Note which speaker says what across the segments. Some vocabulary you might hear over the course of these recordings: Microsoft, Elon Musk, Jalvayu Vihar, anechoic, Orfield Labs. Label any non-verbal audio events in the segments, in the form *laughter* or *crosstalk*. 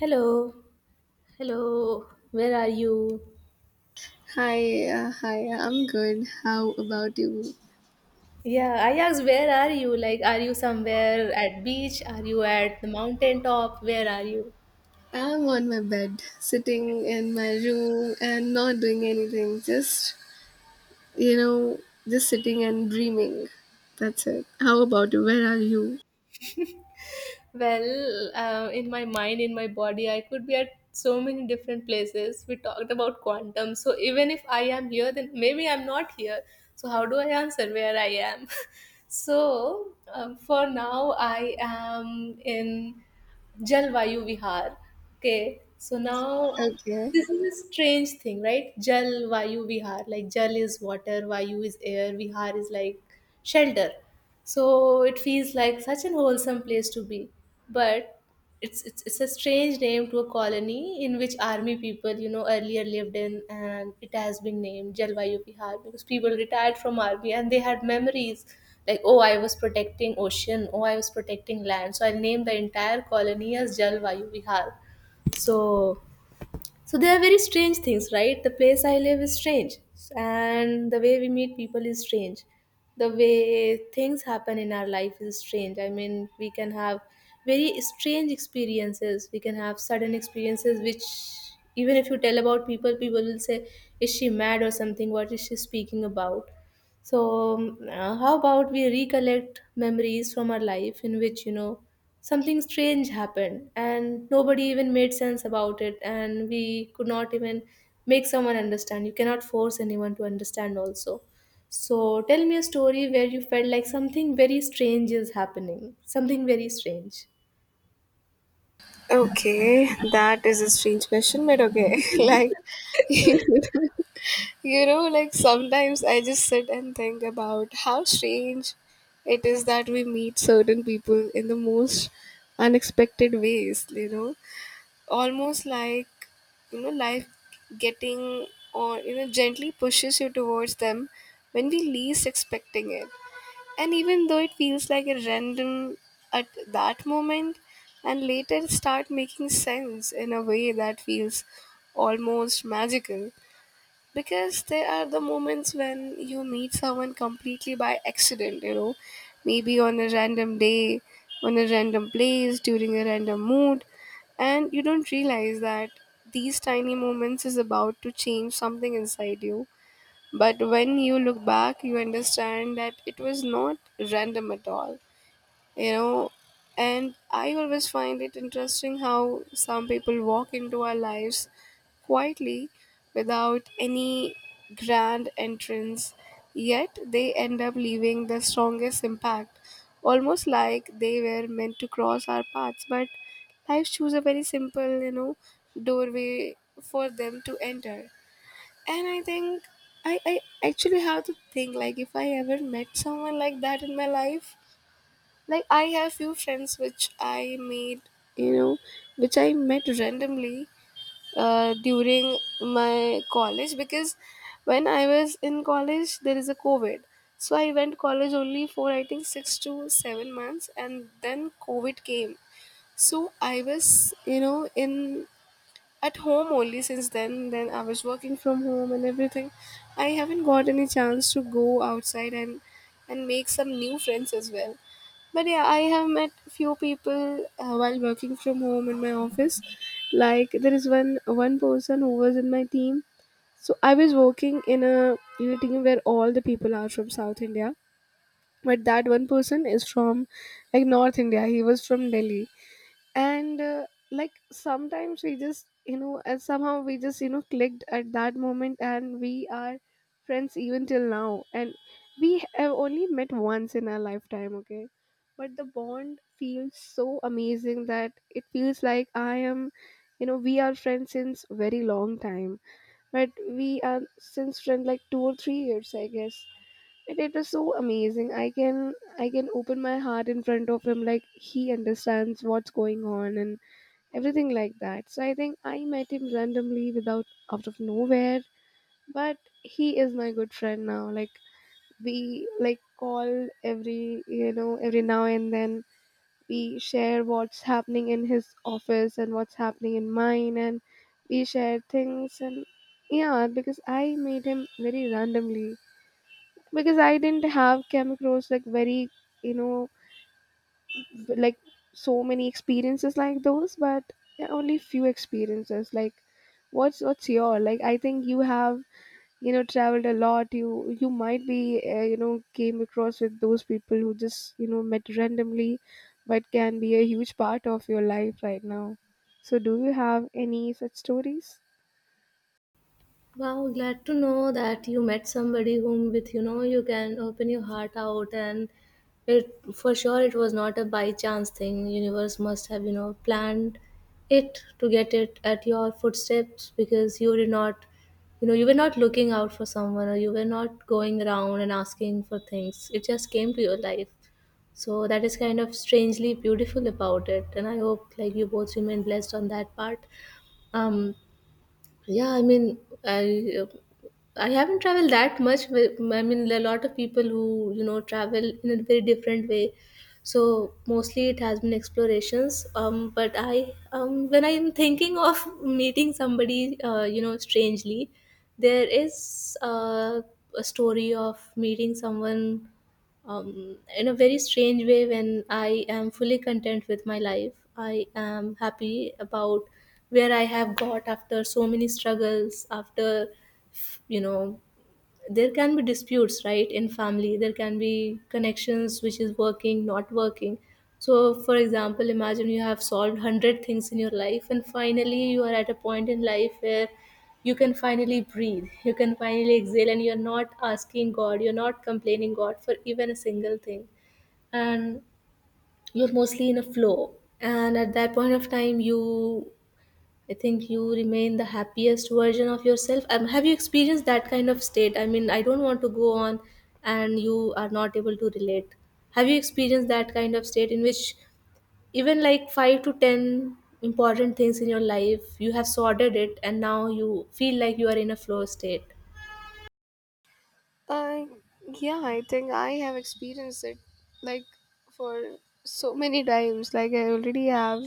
Speaker 1: Hello, hello, where are you?
Speaker 2: Hi, I'm good. How about you?
Speaker 1: Yeah, I asked, where are you? Like, are you somewhere at beach? Are you at the mountain top? Where are you?
Speaker 2: I'm on my bed, sitting in my room and not doing anything. You know, just sitting and dreaming. That's it. How about you? Where are you?
Speaker 1: Well, in my mind, in my body, I could be at so many different places. We talked about quantum. So even if I am here, then maybe I'm not here. So how do I answer where I am? *laughs* So for now, I am in Jalvayu Vihar. Okay. So now
Speaker 2: Okay.
Speaker 1: this is a strange thing, right? Jal Vayu Vihar. Like, Jal is water, Vayu is air, Vihar is like shelter. So it feels like such an wholesome place to be. But it's a strange name to a colony in which army people, you know, earlier lived in, and it has been named Jalvayu Vihar because people retired from army and they had memories like, oh, I was protecting ocean, oh, I was protecting land. So I named the entire colony as Jalvayu Vihar. So so they are very strange things, right? The place I live is strange, and the way we meet people is strange. The way things happen in our life is strange. I mean, we can have very strange experiences. We can have sudden experiences which, even if you tell about people, people will say, is she mad or something, what is she speaking about? So, how about we recollect memories from our life in which, you know, something strange happened and nobody even made sense about it, and we could not even make someone understand. You cannot force anyone to understand, also. So, tell me a story where you felt like something very strange is happening, something very strange.
Speaker 2: Okay, that is a strange question, but okay. *laughs* *laughs* You like sometimes I just sit and think about how strange it is that we meet certain people in the most unexpected ways, you know? Almost like life getting or gently pushes you towards them when we least expecting it, and even though it feels like a random at that moment and later start making sense in a way that feels almost magical, because there are the moments when you meet someone completely by accident, you know, maybe on a random day, on a random place, during a random mood, and you don't realize that these tiny moments is about to change something inside you. But when you look back, you understand that it was not random at all, you know. And I always find it interesting how some people walk into our lives quietly without any grand entrance, yet they end up leaving the strongest impact, almost like they were meant to cross our paths, but life chose a very simple, doorway for them to enter. And I think I actually have to think like if I ever met someone like that in my life. Like I have few friends which I made, you know, which I met randomly during my college, because when I was in college there is a COVID. So I went college only for I think 6 to 7 months, and then COVID came. So I was, you know, in at home only since then. I was working from home and everything. I haven't got any chance to go outside and make some new friends as well. But yeah, I have met few people while working from home in my office. Like there is one person who was in my team. So I was working in a team where all the people are from South India, but that one person is from like North India. He was from Delhi. And like sometimes we just and somehow we just clicked at that moment, and we are friends even till now, and we have only met once in our lifetime, okay. But the bond feels so amazing that it feels like I am, you know, we are friends since very long time. But we are since friend like 2 or 3 years, I guess. And it was so amazing. I can open my heart in front of him, like he understands what's going on, and everything like that. So I think I met him randomly without out of nowhere, but he is my good friend now. Like we like call every every now and then. We share what's happening in his office and what's happening in mine, and we share things. And yeah, because I made him very randomly, because I didn't have chemicals like very, you know, like so many experiences like those. But yeah, only few experiences like what's your, like I think you have, you know, traveled a lot. You might be you know, came across with those people who just, you know, met randomly, but can be a huge part of your life right now. So do you have any such stories?
Speaker 1: Wow, glad to know that you met somebody whom with, you know, you can open your heart out, and it for sure it was not a by chance thing. Universe must have, you know, planned it to get it at your footsteps because you did not, you know, you were not looking out for someone or you were not going around and asking for things. It just came to your life. So that is kind of strangely beautiful about it. And I hope like you both remain blessed on that part. Um yeah, I mean, I uh, I haven't traveled that much. But I mean, there are a lot of people who, you know, travel in a very different way. So mostly it has been explorations. But I when I'm thinking of meeting somebody, you know, strangely, there is a story of meeting someone in a very strange way when I am fully content with my life. I am happy about where I have got after so many struggles. After, you know, there can be disputes, right, in family. There can be connections which is working not working. So, for example, imagine you have solved 100 things in your life, and finally you are at a point in life where you can finally breathe, you can finally exhale, and you're not asking god, you're not complaining god for even a single thing, and you're mostly in a flow. And at that point of time, you I think you remain the happiest version of yourself. Have you experienced that kind of state? I mean, I don't want to go on and you are not able to relate. Have you experienced that kind of state in which even like 5 to 10 important things in your life, you have sorted it and now you feel like you are in a flow state?
Speaker 2: Uh, yeah, I think I have experienced it like for so many times. Like I already have,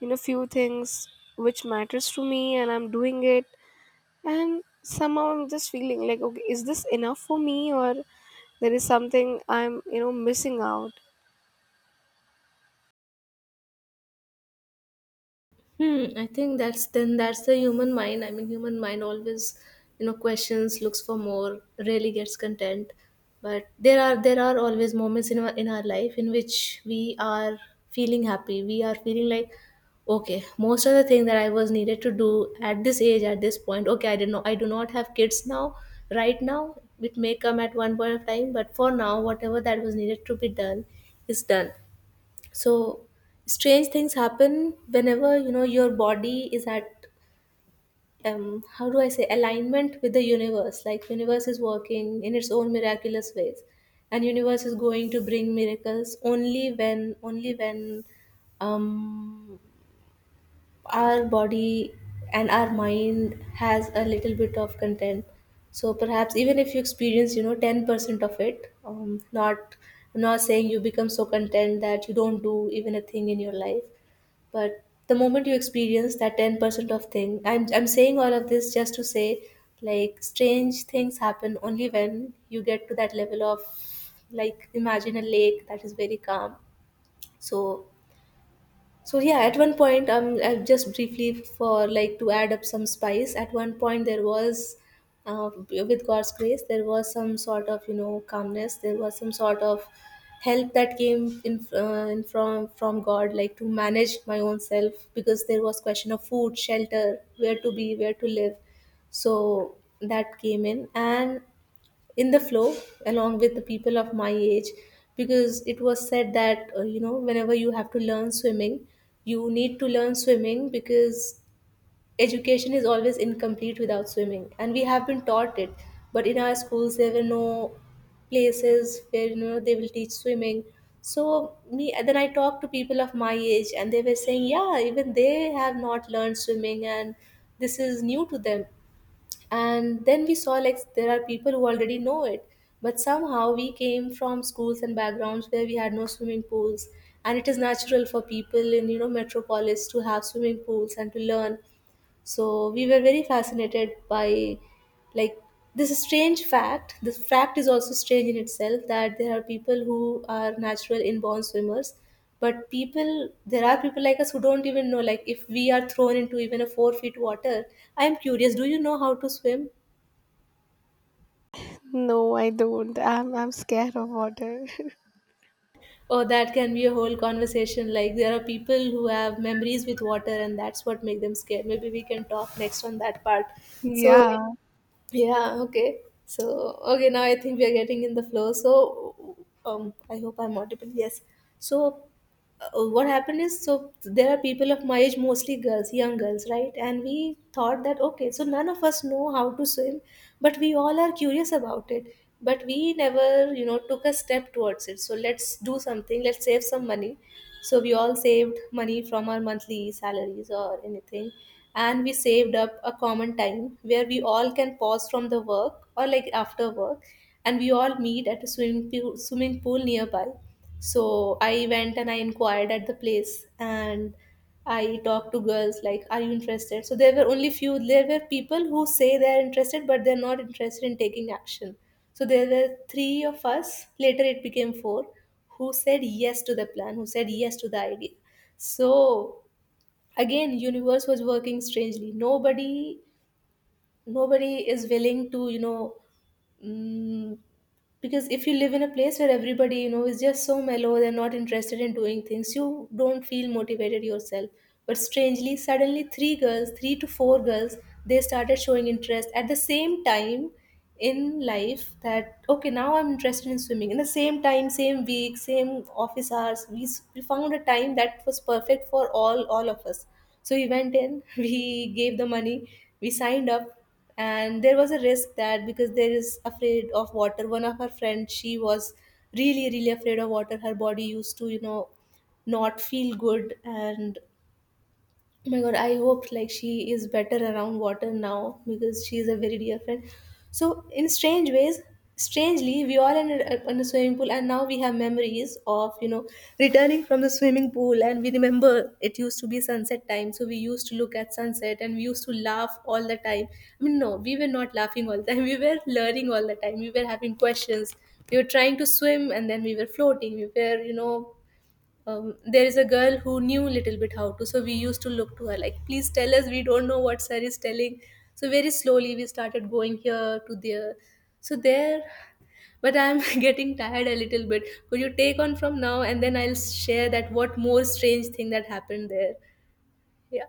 Speaker 2: you know, few things which matters to me, and I'm doing it. And somehow I'm just feeling like, okay, is this enough for me, or there is something I'm, you know, missing out.
Speaker 1: Hmm, I think that's the human mind. I mean, human mind always, you know, questions, looks for more, really gets content. But there are always moments in our life in which we are feeling happy. We are feeling like, okay, most of the thing that I was needed to do at this age, at this point, okay, I didn't know, I do not have kids now. Right now, it may come at one point of time, but for now, whatever that was needed to be done is done. So strange things happen whenever, you know, your body is at, how do I say, alignment with the universe. Like, universe is working in its own miraculous ways, and universe is going to bring miracles only when um our body and our mind has a little bit of content. So perhaps even if you experience, you know, 10% of it, not, I'm not saying you become so content that you don't do even a thing in your life. But the moment you experience that 10% of thing, I'm saying all of this just to say, like, strange things happen only when you get to that level of, like, imagine a lake that is very calm. So so yeah, at one point, just briefly for like to add up some spice. At one point, there was, with God's grace, there was some sort of, you know, calmness. There was some sort of help that came in from God, like to manage my own self because there was question of food, shelter, where to be, where to live. So that came in, and in the flow along with the people of my age, because it was said that, you know, whenever you have to learn swimming, you need to learn swimming, because education is always incomplete without swimming and we have been taught it. But in our schools there were no places where, you know, they will teach swimming. So me, then I talked to people of my age, and they were saying yeah, even they have not learned swimming, and this is new to them. And then we saw like there are people who already know it, but somehow we came from schools and backgrounds where we had no swimming pools. And it is natural for people in, you know, metropolis to have swimming pools and to learn. So we were very fascinated by, like, this strange fact. This fact is also strange in itself, that there are people who are natural inborn swimmers, but people there are people like us who don't even know, like, if we are thrown into even a 4 feet water. I am curious, do you know how to swim?
Speaker 2: No, I don't. I'm scared of water.
Speaker 1: Or that can be a whole conversation. Like, there are people who have memories with water and that's what make them scared. Maybe we can talk next on that part.
Speaker 2: *laughs*
Speaker 1: So,
Speaker 2: Yeah,
Speaker 1: yeah, okay. So, okay, now I think we are getting in the flow. So, I hope I'm audible. Yes. So, what happened is, so there are people of my age, mostly girls, young girls, right? And we thought that, okay, so none of us know how to swim, but we all are curious about it. But we never, you know, took a step towards it. So, let's do something, let's save some money. So we all saved money from our monthly salaries or anything. And we saved up a common time where we all can pause from the work or like after work, and we all meet at a swimming pool nearby. So I went and I inquired at the place, and I talk to girls like, "Are you interested?" So there were only few. There were people who say they are interested, but they're not interested in taking action. So there were three of us. Later, it became four, who said yes to the plan, who said yes to the idea. So again, universe was working strangely. Nobody, nobody is willing to, you know, Mm, because if you live in a place where everybody, you know, is just so mellow, they're not interested in doing things, you don't feel motivated yourself. But strangely, suddenly, three girls, three to four girls, they started showing interest at the same time in life that, okay, now I'm interested in swimming. In the same time, same week, same office hours, we found a time that was perfect for all of us. So we went in. *laughs* We gave the money, we signed up. And there was a risk that because there is afraid of water one of her friends, she was really really afraid of water, her body used to, you know, not feel good. And oh my god, I hope like she is better around water now because she is a very dear friend. So in strange ways, strangely, we all ended up in a swimming pool, and now we have memories of, you know, returning from the swimming pool, and we remember it used to be sunset time, so we used to look at sunset and we used to laugh all the time. I mean, no, we were not laughing all the time. *laughs* We were learning all the time. We were having questions. We were trying to swim and then we were floating. We were you know there is a girl who knew little bit how to, so we used to look to her like, please tell us, we don't know what sir is telling. So very slowly we started going here to there. So there, but I'm *laughs* getting tired a little bit. Could you take on from now and then I'll share that what more strange thing that happened there? Yeah.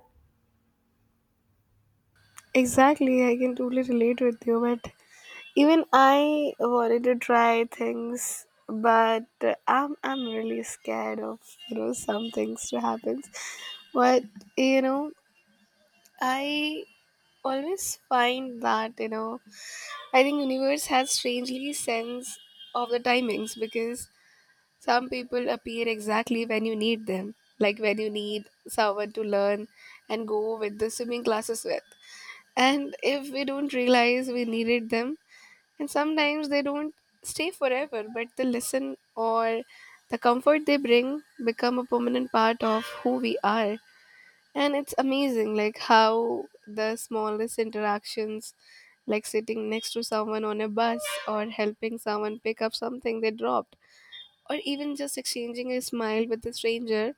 Speaker 2: exactly. I can totally relate with you, but even I wanted to try things, but I'm really scared of, you know, some things to happen. But you know, I always find that, you know, I think universe has strangely sense of the timings, because some people appear exactly when you need them, like when you need someone to learn and go with the swimming classes with. And if we don't realize we needed them, and sometimes they don't stay forever, but the lesson or the comfort they bring become a permanent part of who we are. And it's amazing like how the smallest interactions, like sitting next to someone on a bus, or helping someone pick up something they dropped, or even just exchanging a smile with a stranger,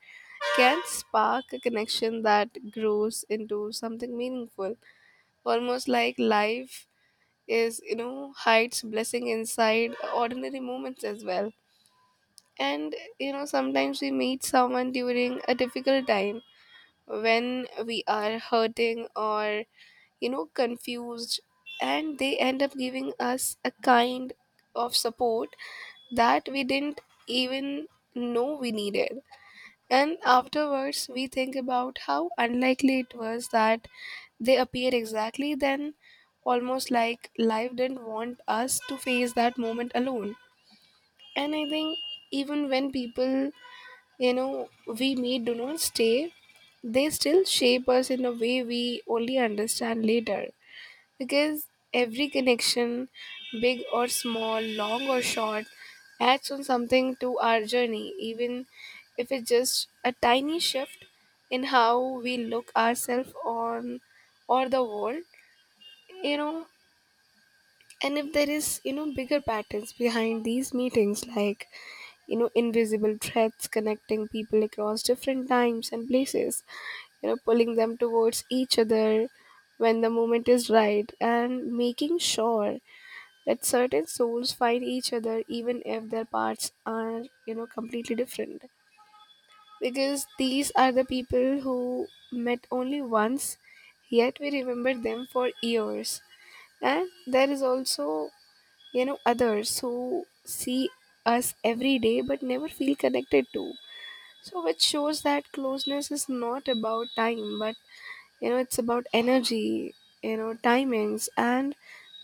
Speaker 2: can spark a connection that grows into something meaningful. Almost like life is, you know, hides blessing inside ordinary moments as well. And you know, sometimes we meet someone during a difficult time, when we are hurting or, you know, confused, and they end up giving us a kind of support that we didn't even know we needed. And afterwards we think about how unlikely it was that they appeared exactly then, almost like life didn't want us to face that moment alone. And I think even when people, you know, we may do not stay, they still shape us in a way we only understand later. Because every connection, big or small, long or short, adds on something to our journey, even if it's just a tiny shift in how we look ourselves on or the world, you know. And if there is, you know, bigger patterns behind these meetings, like, you know, invisible threads connecting people across different times and places, you know, pulling them towards each other when the moment is right, and making sure that certain souls find each other even if their paths are, you know, completely different. Because these are the people who met only once, yet we remember them for years. And there is also, you know, others who see us every day but never feel connected to. So, which shows that closeness is not about time, but you know, it's about energy, you know, timings, and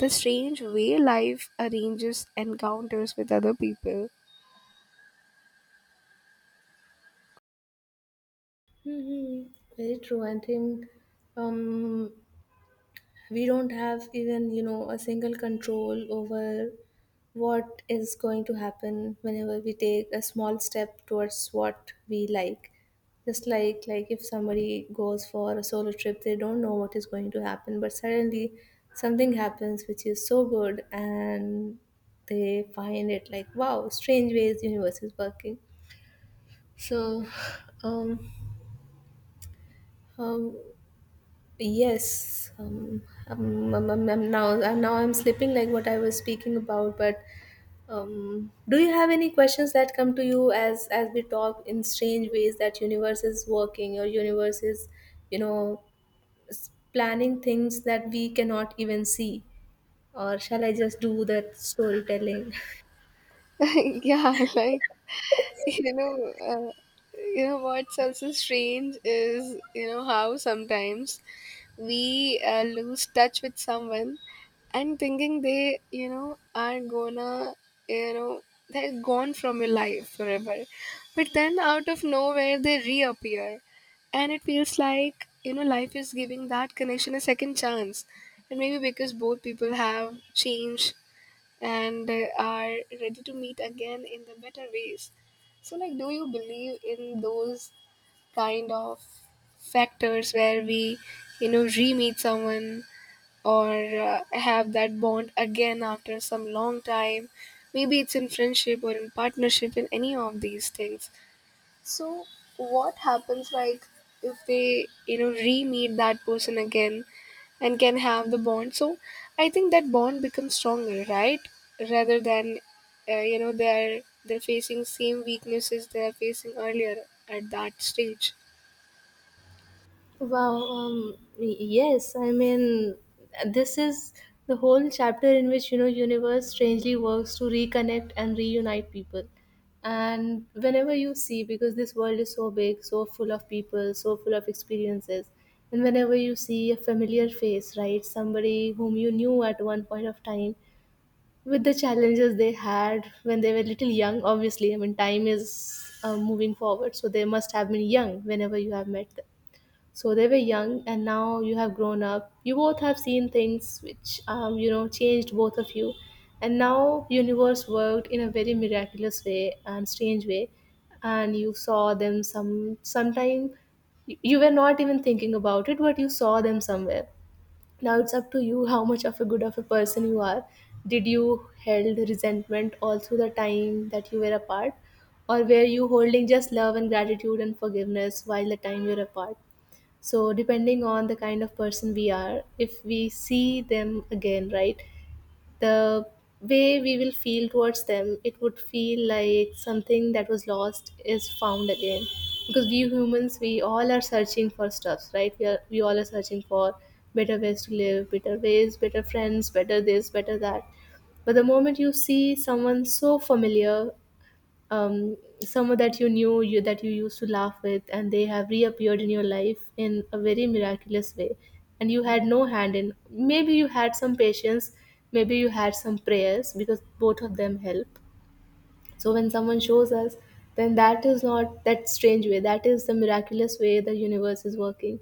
Speaker 2: the strange way life arranges encounters with other people.
Speaker 1: Hmm. Very true. I think um, we don't have even a single control over what is going to happen whenever we take a small step towards what we like, just like if somebody goes for a solo trip they don't know what is going to happen, but suddenly something happens which is so good and they find it like wow, strange ways universe is working. So um, um Yes, now I'm slipping like what I was speaking about. But do you have any questions that come to you as we talk in strange ways that universe is working, or universe is, you know, planning things that we cannot even see? Or shall I just do that storytelling?
Speaker 2: *laughs* Yeah, like you know, uh, you know what's also strange is you know how sometimes we lose touch with someone and thinking they, you know, are gonna, you know, they're gone from your life forever, but then out of nowhere they reappear, and it feels like, you know, life is giving that connection a second chance, and maybe because both people have changed and are ready to meet again in the better ways. So, like, do you believe in those kind of factors where we, you know, re meet someone or have that bond again after some long time? Maybe it's in friendship or in partnership in any of these things. So what happens like if they, you know, re-meet that person again and can have the bond? So I think that bond becomes stronger, right? Rather than you know, they're facing same weaknesses they're facing earlier at that stage.
Speaker 1: Wow, yes, I mean, this is the whole chapter in which, you know, universe strangely works to reconnect and reunite people. And whenever you see, because this world is so big, so full of people, so full of experiences, and whenever you see a familiar face, right, somebody whom you knew at one point of time, with the challenges they had when they were little young, obviously, I mean, time is moving forward, so they must have been young whenever you have met them, so they were young, and now you have grown up. You both have seen things which, you know, changed both of you, and now universe worked in a very miraculous way and strange way, and you saw them sometime. You were not even thinking about it, but you saw them somewhere. Now it's up to you how much of a good of a person you are. Did you held resentment all through the time that you were apart, or were you holding just love and gratitude and forgiveness while the time you're apart? So, depending on the kind of person we are, if we see them again, right, the way we will feel towards them, it would feel like something that was lost is found again. Because we humans, we all are searching for stuffs, right? We all are searching for better ways to live, better ways, better friends, better this, better that. But the moment you see someone so familiar, um, someone that you knew you that you used to laugh with, and they have reappeared in your life in a very miraculous way, and you had no hand in, maybe you had some patience, maybe you had some prayers, because both of them help. So when someone shows us, then that is not that strange way, that is the miraculous way the universe is working.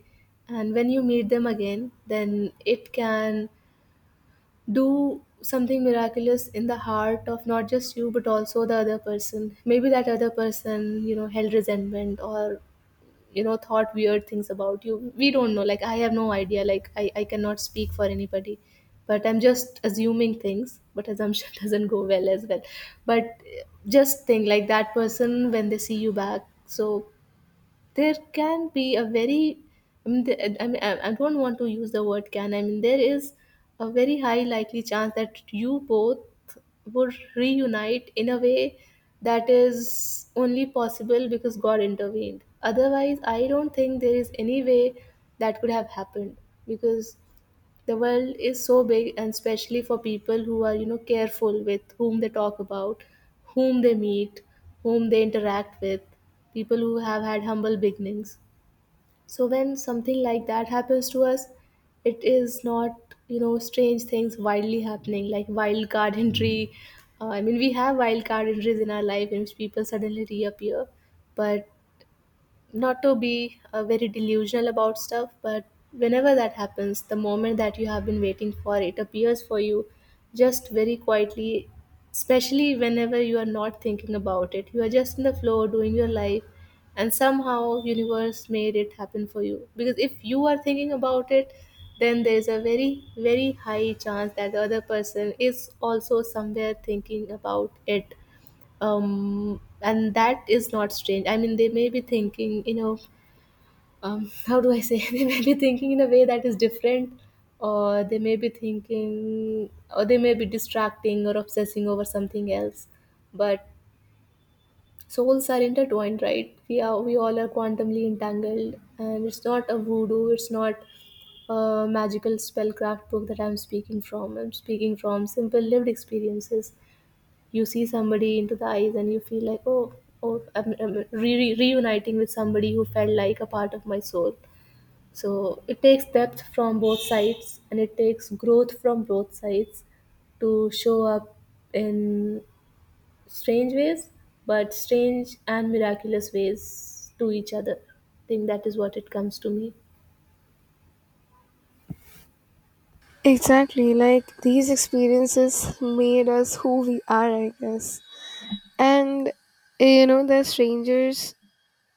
Speaker 1: And when you meet them again, then it can do something miraculous in the heart of not just you but also the other person. Maybe that other person, you know, held resentment, or you know, thought weird things about you. We don't know, like I have no idea, I cannot speak for anybody, but I'm just assuming things. But assumption *laughs* doesn't go well as well. But just think like that person when they see you back, so there can be a very, I mean, I mean, I don't want to use the word can, I mean there is a very high likely chance that you both would reunite in a way that is only possible because god intervened. Otherwise I don't think there is any way that could have happened, because the world is so big, and especially for people who are, you know, careful with whom they talk about, whom they meet, whom they interact with, people who have had humble beginnings. So when something like that happens to us, it is not, you know, strange things wildly happening like wild card entry. I mean we have wild card entries in our life in which people suddenly reappear. But not to be very delusional about stuff, but whenever that happens, the moment that you have been waiting for it appears for you just very quietly, especially whenever you are not thinking about it. You are just in the flow doing your life, and somehow universe made it happen for you. Because if you are thinking about it, then there is a very high chance that the other person is also somewhere thinking about it. And that is not strange, I mean they may be thinking, *laughs* how do I say, *laughs* they may be thinking in a way that is different, or they may be thinking, or they may be distracting or obsessing over something else. But souls are intertwined, right? We all are quantumly entangled, and it's not a voodoo, it's not a magical spellcraft book that I'm speaking from. I'm speaking from simple lived experiences. You see somebody into the eyes and you feel like, oh, I'm reuniting with somebody who felt like a part of my soul. So it takes depth from both sides and it takes growth from both sides to show up in strange ways, but strange and miraculous ways to each other. I think that is what it comes to me.
Speaker 2: Exactly, like these experiences made us who we are, I guess. And you know, the strangers,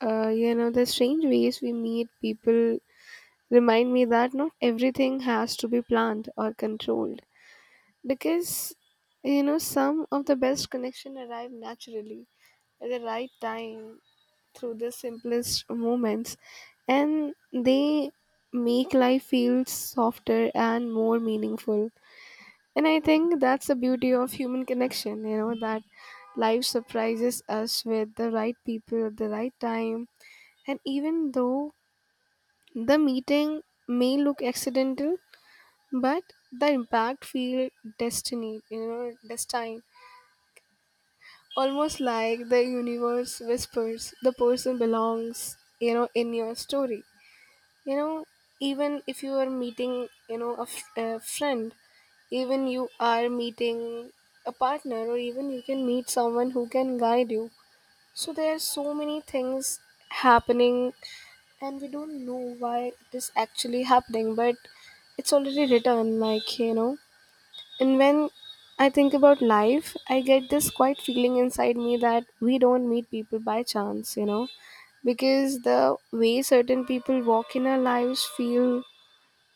Speaker 2: you know, the strange ways we meet people remind me that not everything has to be planned or controlled, because you know some of the best connection arrive naturally at the right time through the simplest moments, and they make life feel softer and more meaningful. And I think that's the beauty of human connection, you know, that life surprises us with the right people at the right time. And even though the meeting may look accidental, but the impact feel destiny, you know, destined, almost like the universe whispers the person belongs, you know, in your story, you know, even if you are meeting, you know, a friend, even you are meeting a partner, or even you can meet someone who can guide you. So there are so many things happening, and we don't know why it is actually happening, but it's already written like you know. And when I think about life, I get this quiet feeling inside me that we don't meet people by chance, you know, because the way certain people walk in our lives feel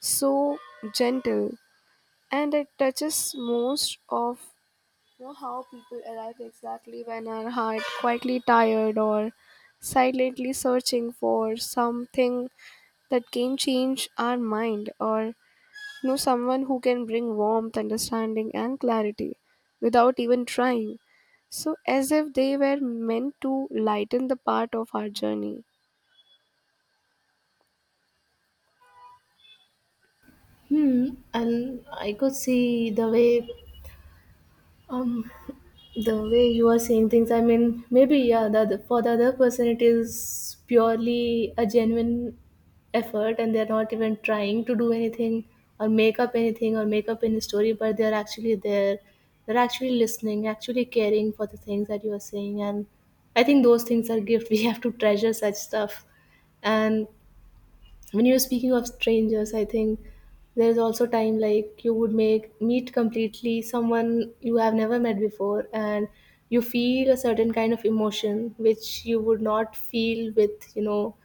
Speaker 2: so gentle and it touches most of, you know, how people arrive exactly when our heart quietly tired or silently searching for something that can change our mind or know someone who can bring warmth, understanding, and clarity without even trying. So, as if they were meant to lighten the part of our journey.
Speaker 1: Hmm, and I could see the way, Um, the way you are saying things, I mean, maybe yeah, for the other person it is purely a genuine effort, and they're not even trying to do anything or make up anything or make up any story, but they're actually there, they're actually listening, actually caring for the things that you are saying, and I think those things are gift. *laughs* We have to treasure such stuff, and when you're speaking of strangers, I think there's also time, like you would make meet completely someone you have never met before, and you feel a certain kind of emotion which you would not feel with, you know,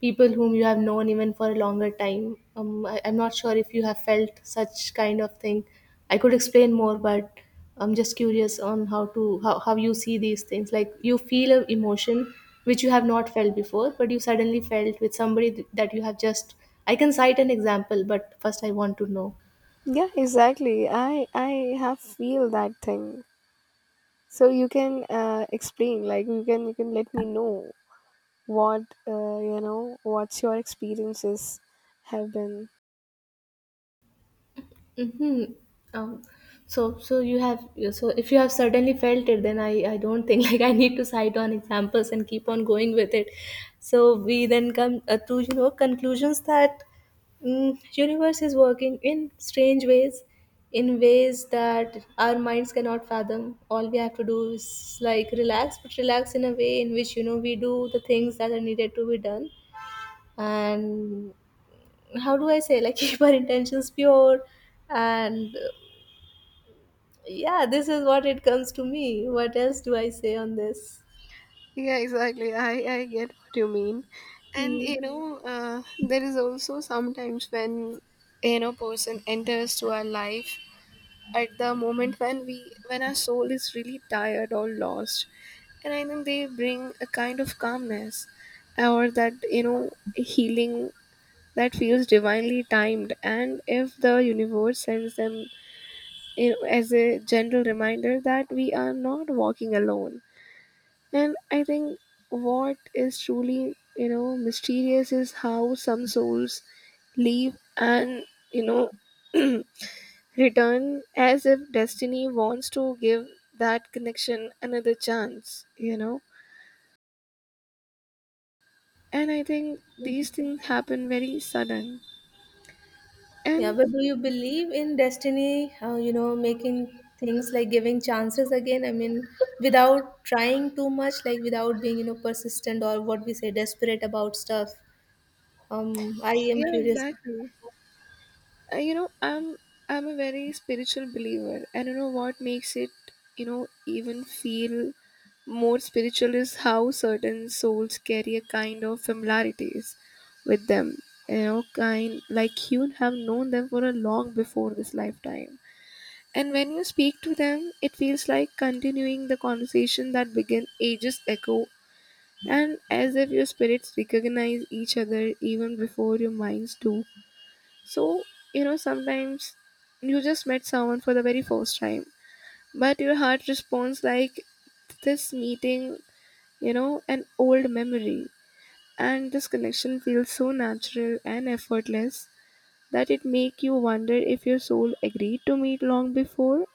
Speaker 1: people whom you have known even for a longer time. I'm not sure if you have felt such kind of thing. I could explain more, but I'm just curious on how to how you see these things. Like you feel an emotion which you have not felt before, but you suddenly felt with somebody that you have just. I can cite an example, but first I want to know.
Speaker 2: Yeah, exactly. I have feel that thing. So you can explain, like you can let me know what, you know, what's your experiences have been.
Speaker 1: Mhm. Um, so, so you have, so if you have certainly felt it, then I don't think *laughs* like I need to cite on examples and keep on going with it. So we then come to you know conclusions that mm, universe is working in strange ways, in ways that our minds cannot fathom. All we have to do is like relax, but relax in a way in which you know we do the things that are needed to be done, and how do I say, like *laughs* keep our intentions pure, and yeah, this is what it comes to me. What else do I say on this?
Speaker 2: Yeah, exactly. I get what you mean. And
Speaker 1: Hmm.
Speaker 2: you know, there is also sometimes when you know person enters to our life at the moment when we when our soul is really tired or lost. And I think they bring a kind of calmness or that, you know, healing that feels divinely timed. And if the universe sends them, you know, as a gentle reminder that we are not walking alone. And I think what is truly, you know, mysterious is how some souls leave and, you know, *clears throat* return as if destiny wants to give that connection another chance, you know. And I think these things happen very sudden.
Speaker 1: Yeah,
Speaker 2: And
Speaker 1: but do you believe in destiny? You know, making things like giving chances again. I mean, without trying too much, like without being you know persistent or what we say desperate about stuff. I am
Speaker 2: yeah,
Speaker 1: curious.
Speaker 2: exactly. You know, I'm a very spiritual believer, and you know what makes it, you know, even feel more spiritual is how certain souls carry a kind of familiarities with them, you know, kind like you have known them for a long before this lifetime. And when you speak to them, it feels like continuing the conversation that began ages ago, and as if your spirits recognize each other even before your minds do. So, you know, sometimes you just met someone for the very first time, but your heart responds like this meeting, you know, an old memory. And this connection feels so natural and effortless that it make you wonder if your soul agreed to meet long before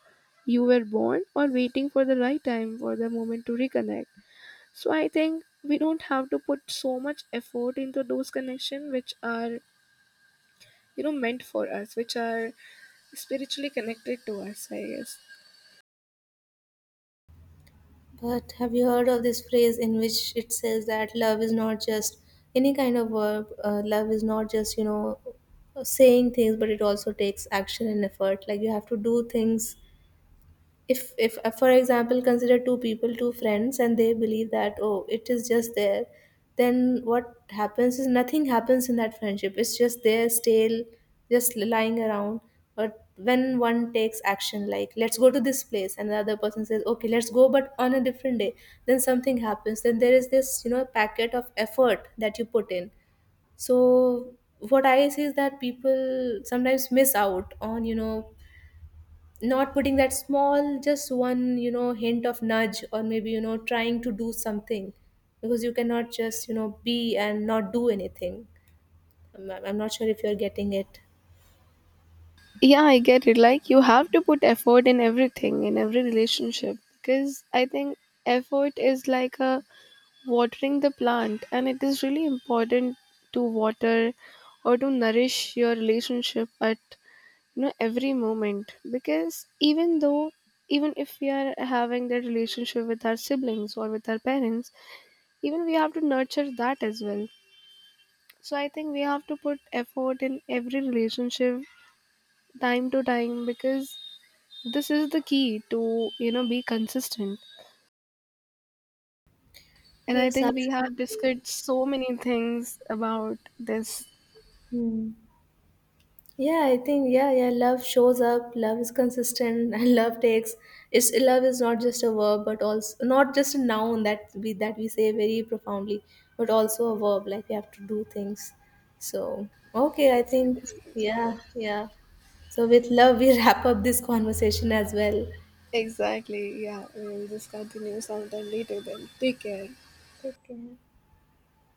Speaker 2: you were born or waiting for the right time for the moment to reconnect. So I think we don't have to put so much effort into those connections which are, you know, meant for us, which are spiritually connected to us, I guess.
Speaker 1: But have you heard of this phrase in which it says that love is not just any kind of verb? Love is not just you know saying things, but it also takes action and effort. Like you have to do things. If For example, consider two people, two friends, and they believe that oh it is just there, then what happens is nothing happens in that friendship. It's just there stale, just lying around. But when one takes action like let's go to this place, and the other person says okay let's go but on a different day, then something happens. Then there is this, you know, packet of effort that you put in. So what I see is that people sometimes miss out on, you know, not putting that small just one, you know, hint of nudge, or maybe you know trying to do something. Because you cannot just, you know, be and not do anything. I'm not sure if you're getting it.
Speaker 2: Yeah, I get it. Like you have to put effort in everything, in every relationship, because I think effort is like a watering the plant, and it is really important to water or to nourish your relationship at you know every moment. Because even though, even if we are having that relationship with our siblings or with our parents, even we have to nurture that as well. So I think we have to put effort in every relationship time to time, because this is the key to, you know, be consistent. And I
Speaker 1: Yes,
Speaker 2: think we have discussed so many things about this.
Speaker 1: absolutely. Yeah, I think yeah, yeah, love shows up, love is consistent, *laughs* and love takes, it's love is not just a verb but also not just a noun that we say very profoundly, but also a verb, like we have to do things. So okay, I think yeah, yeah. So with love we *laughs* wrap up this conversation as well.
Speaker 2: Exactly. Yeah. We'll just continue sometime later then. Take care.
Speaker 1: Take care.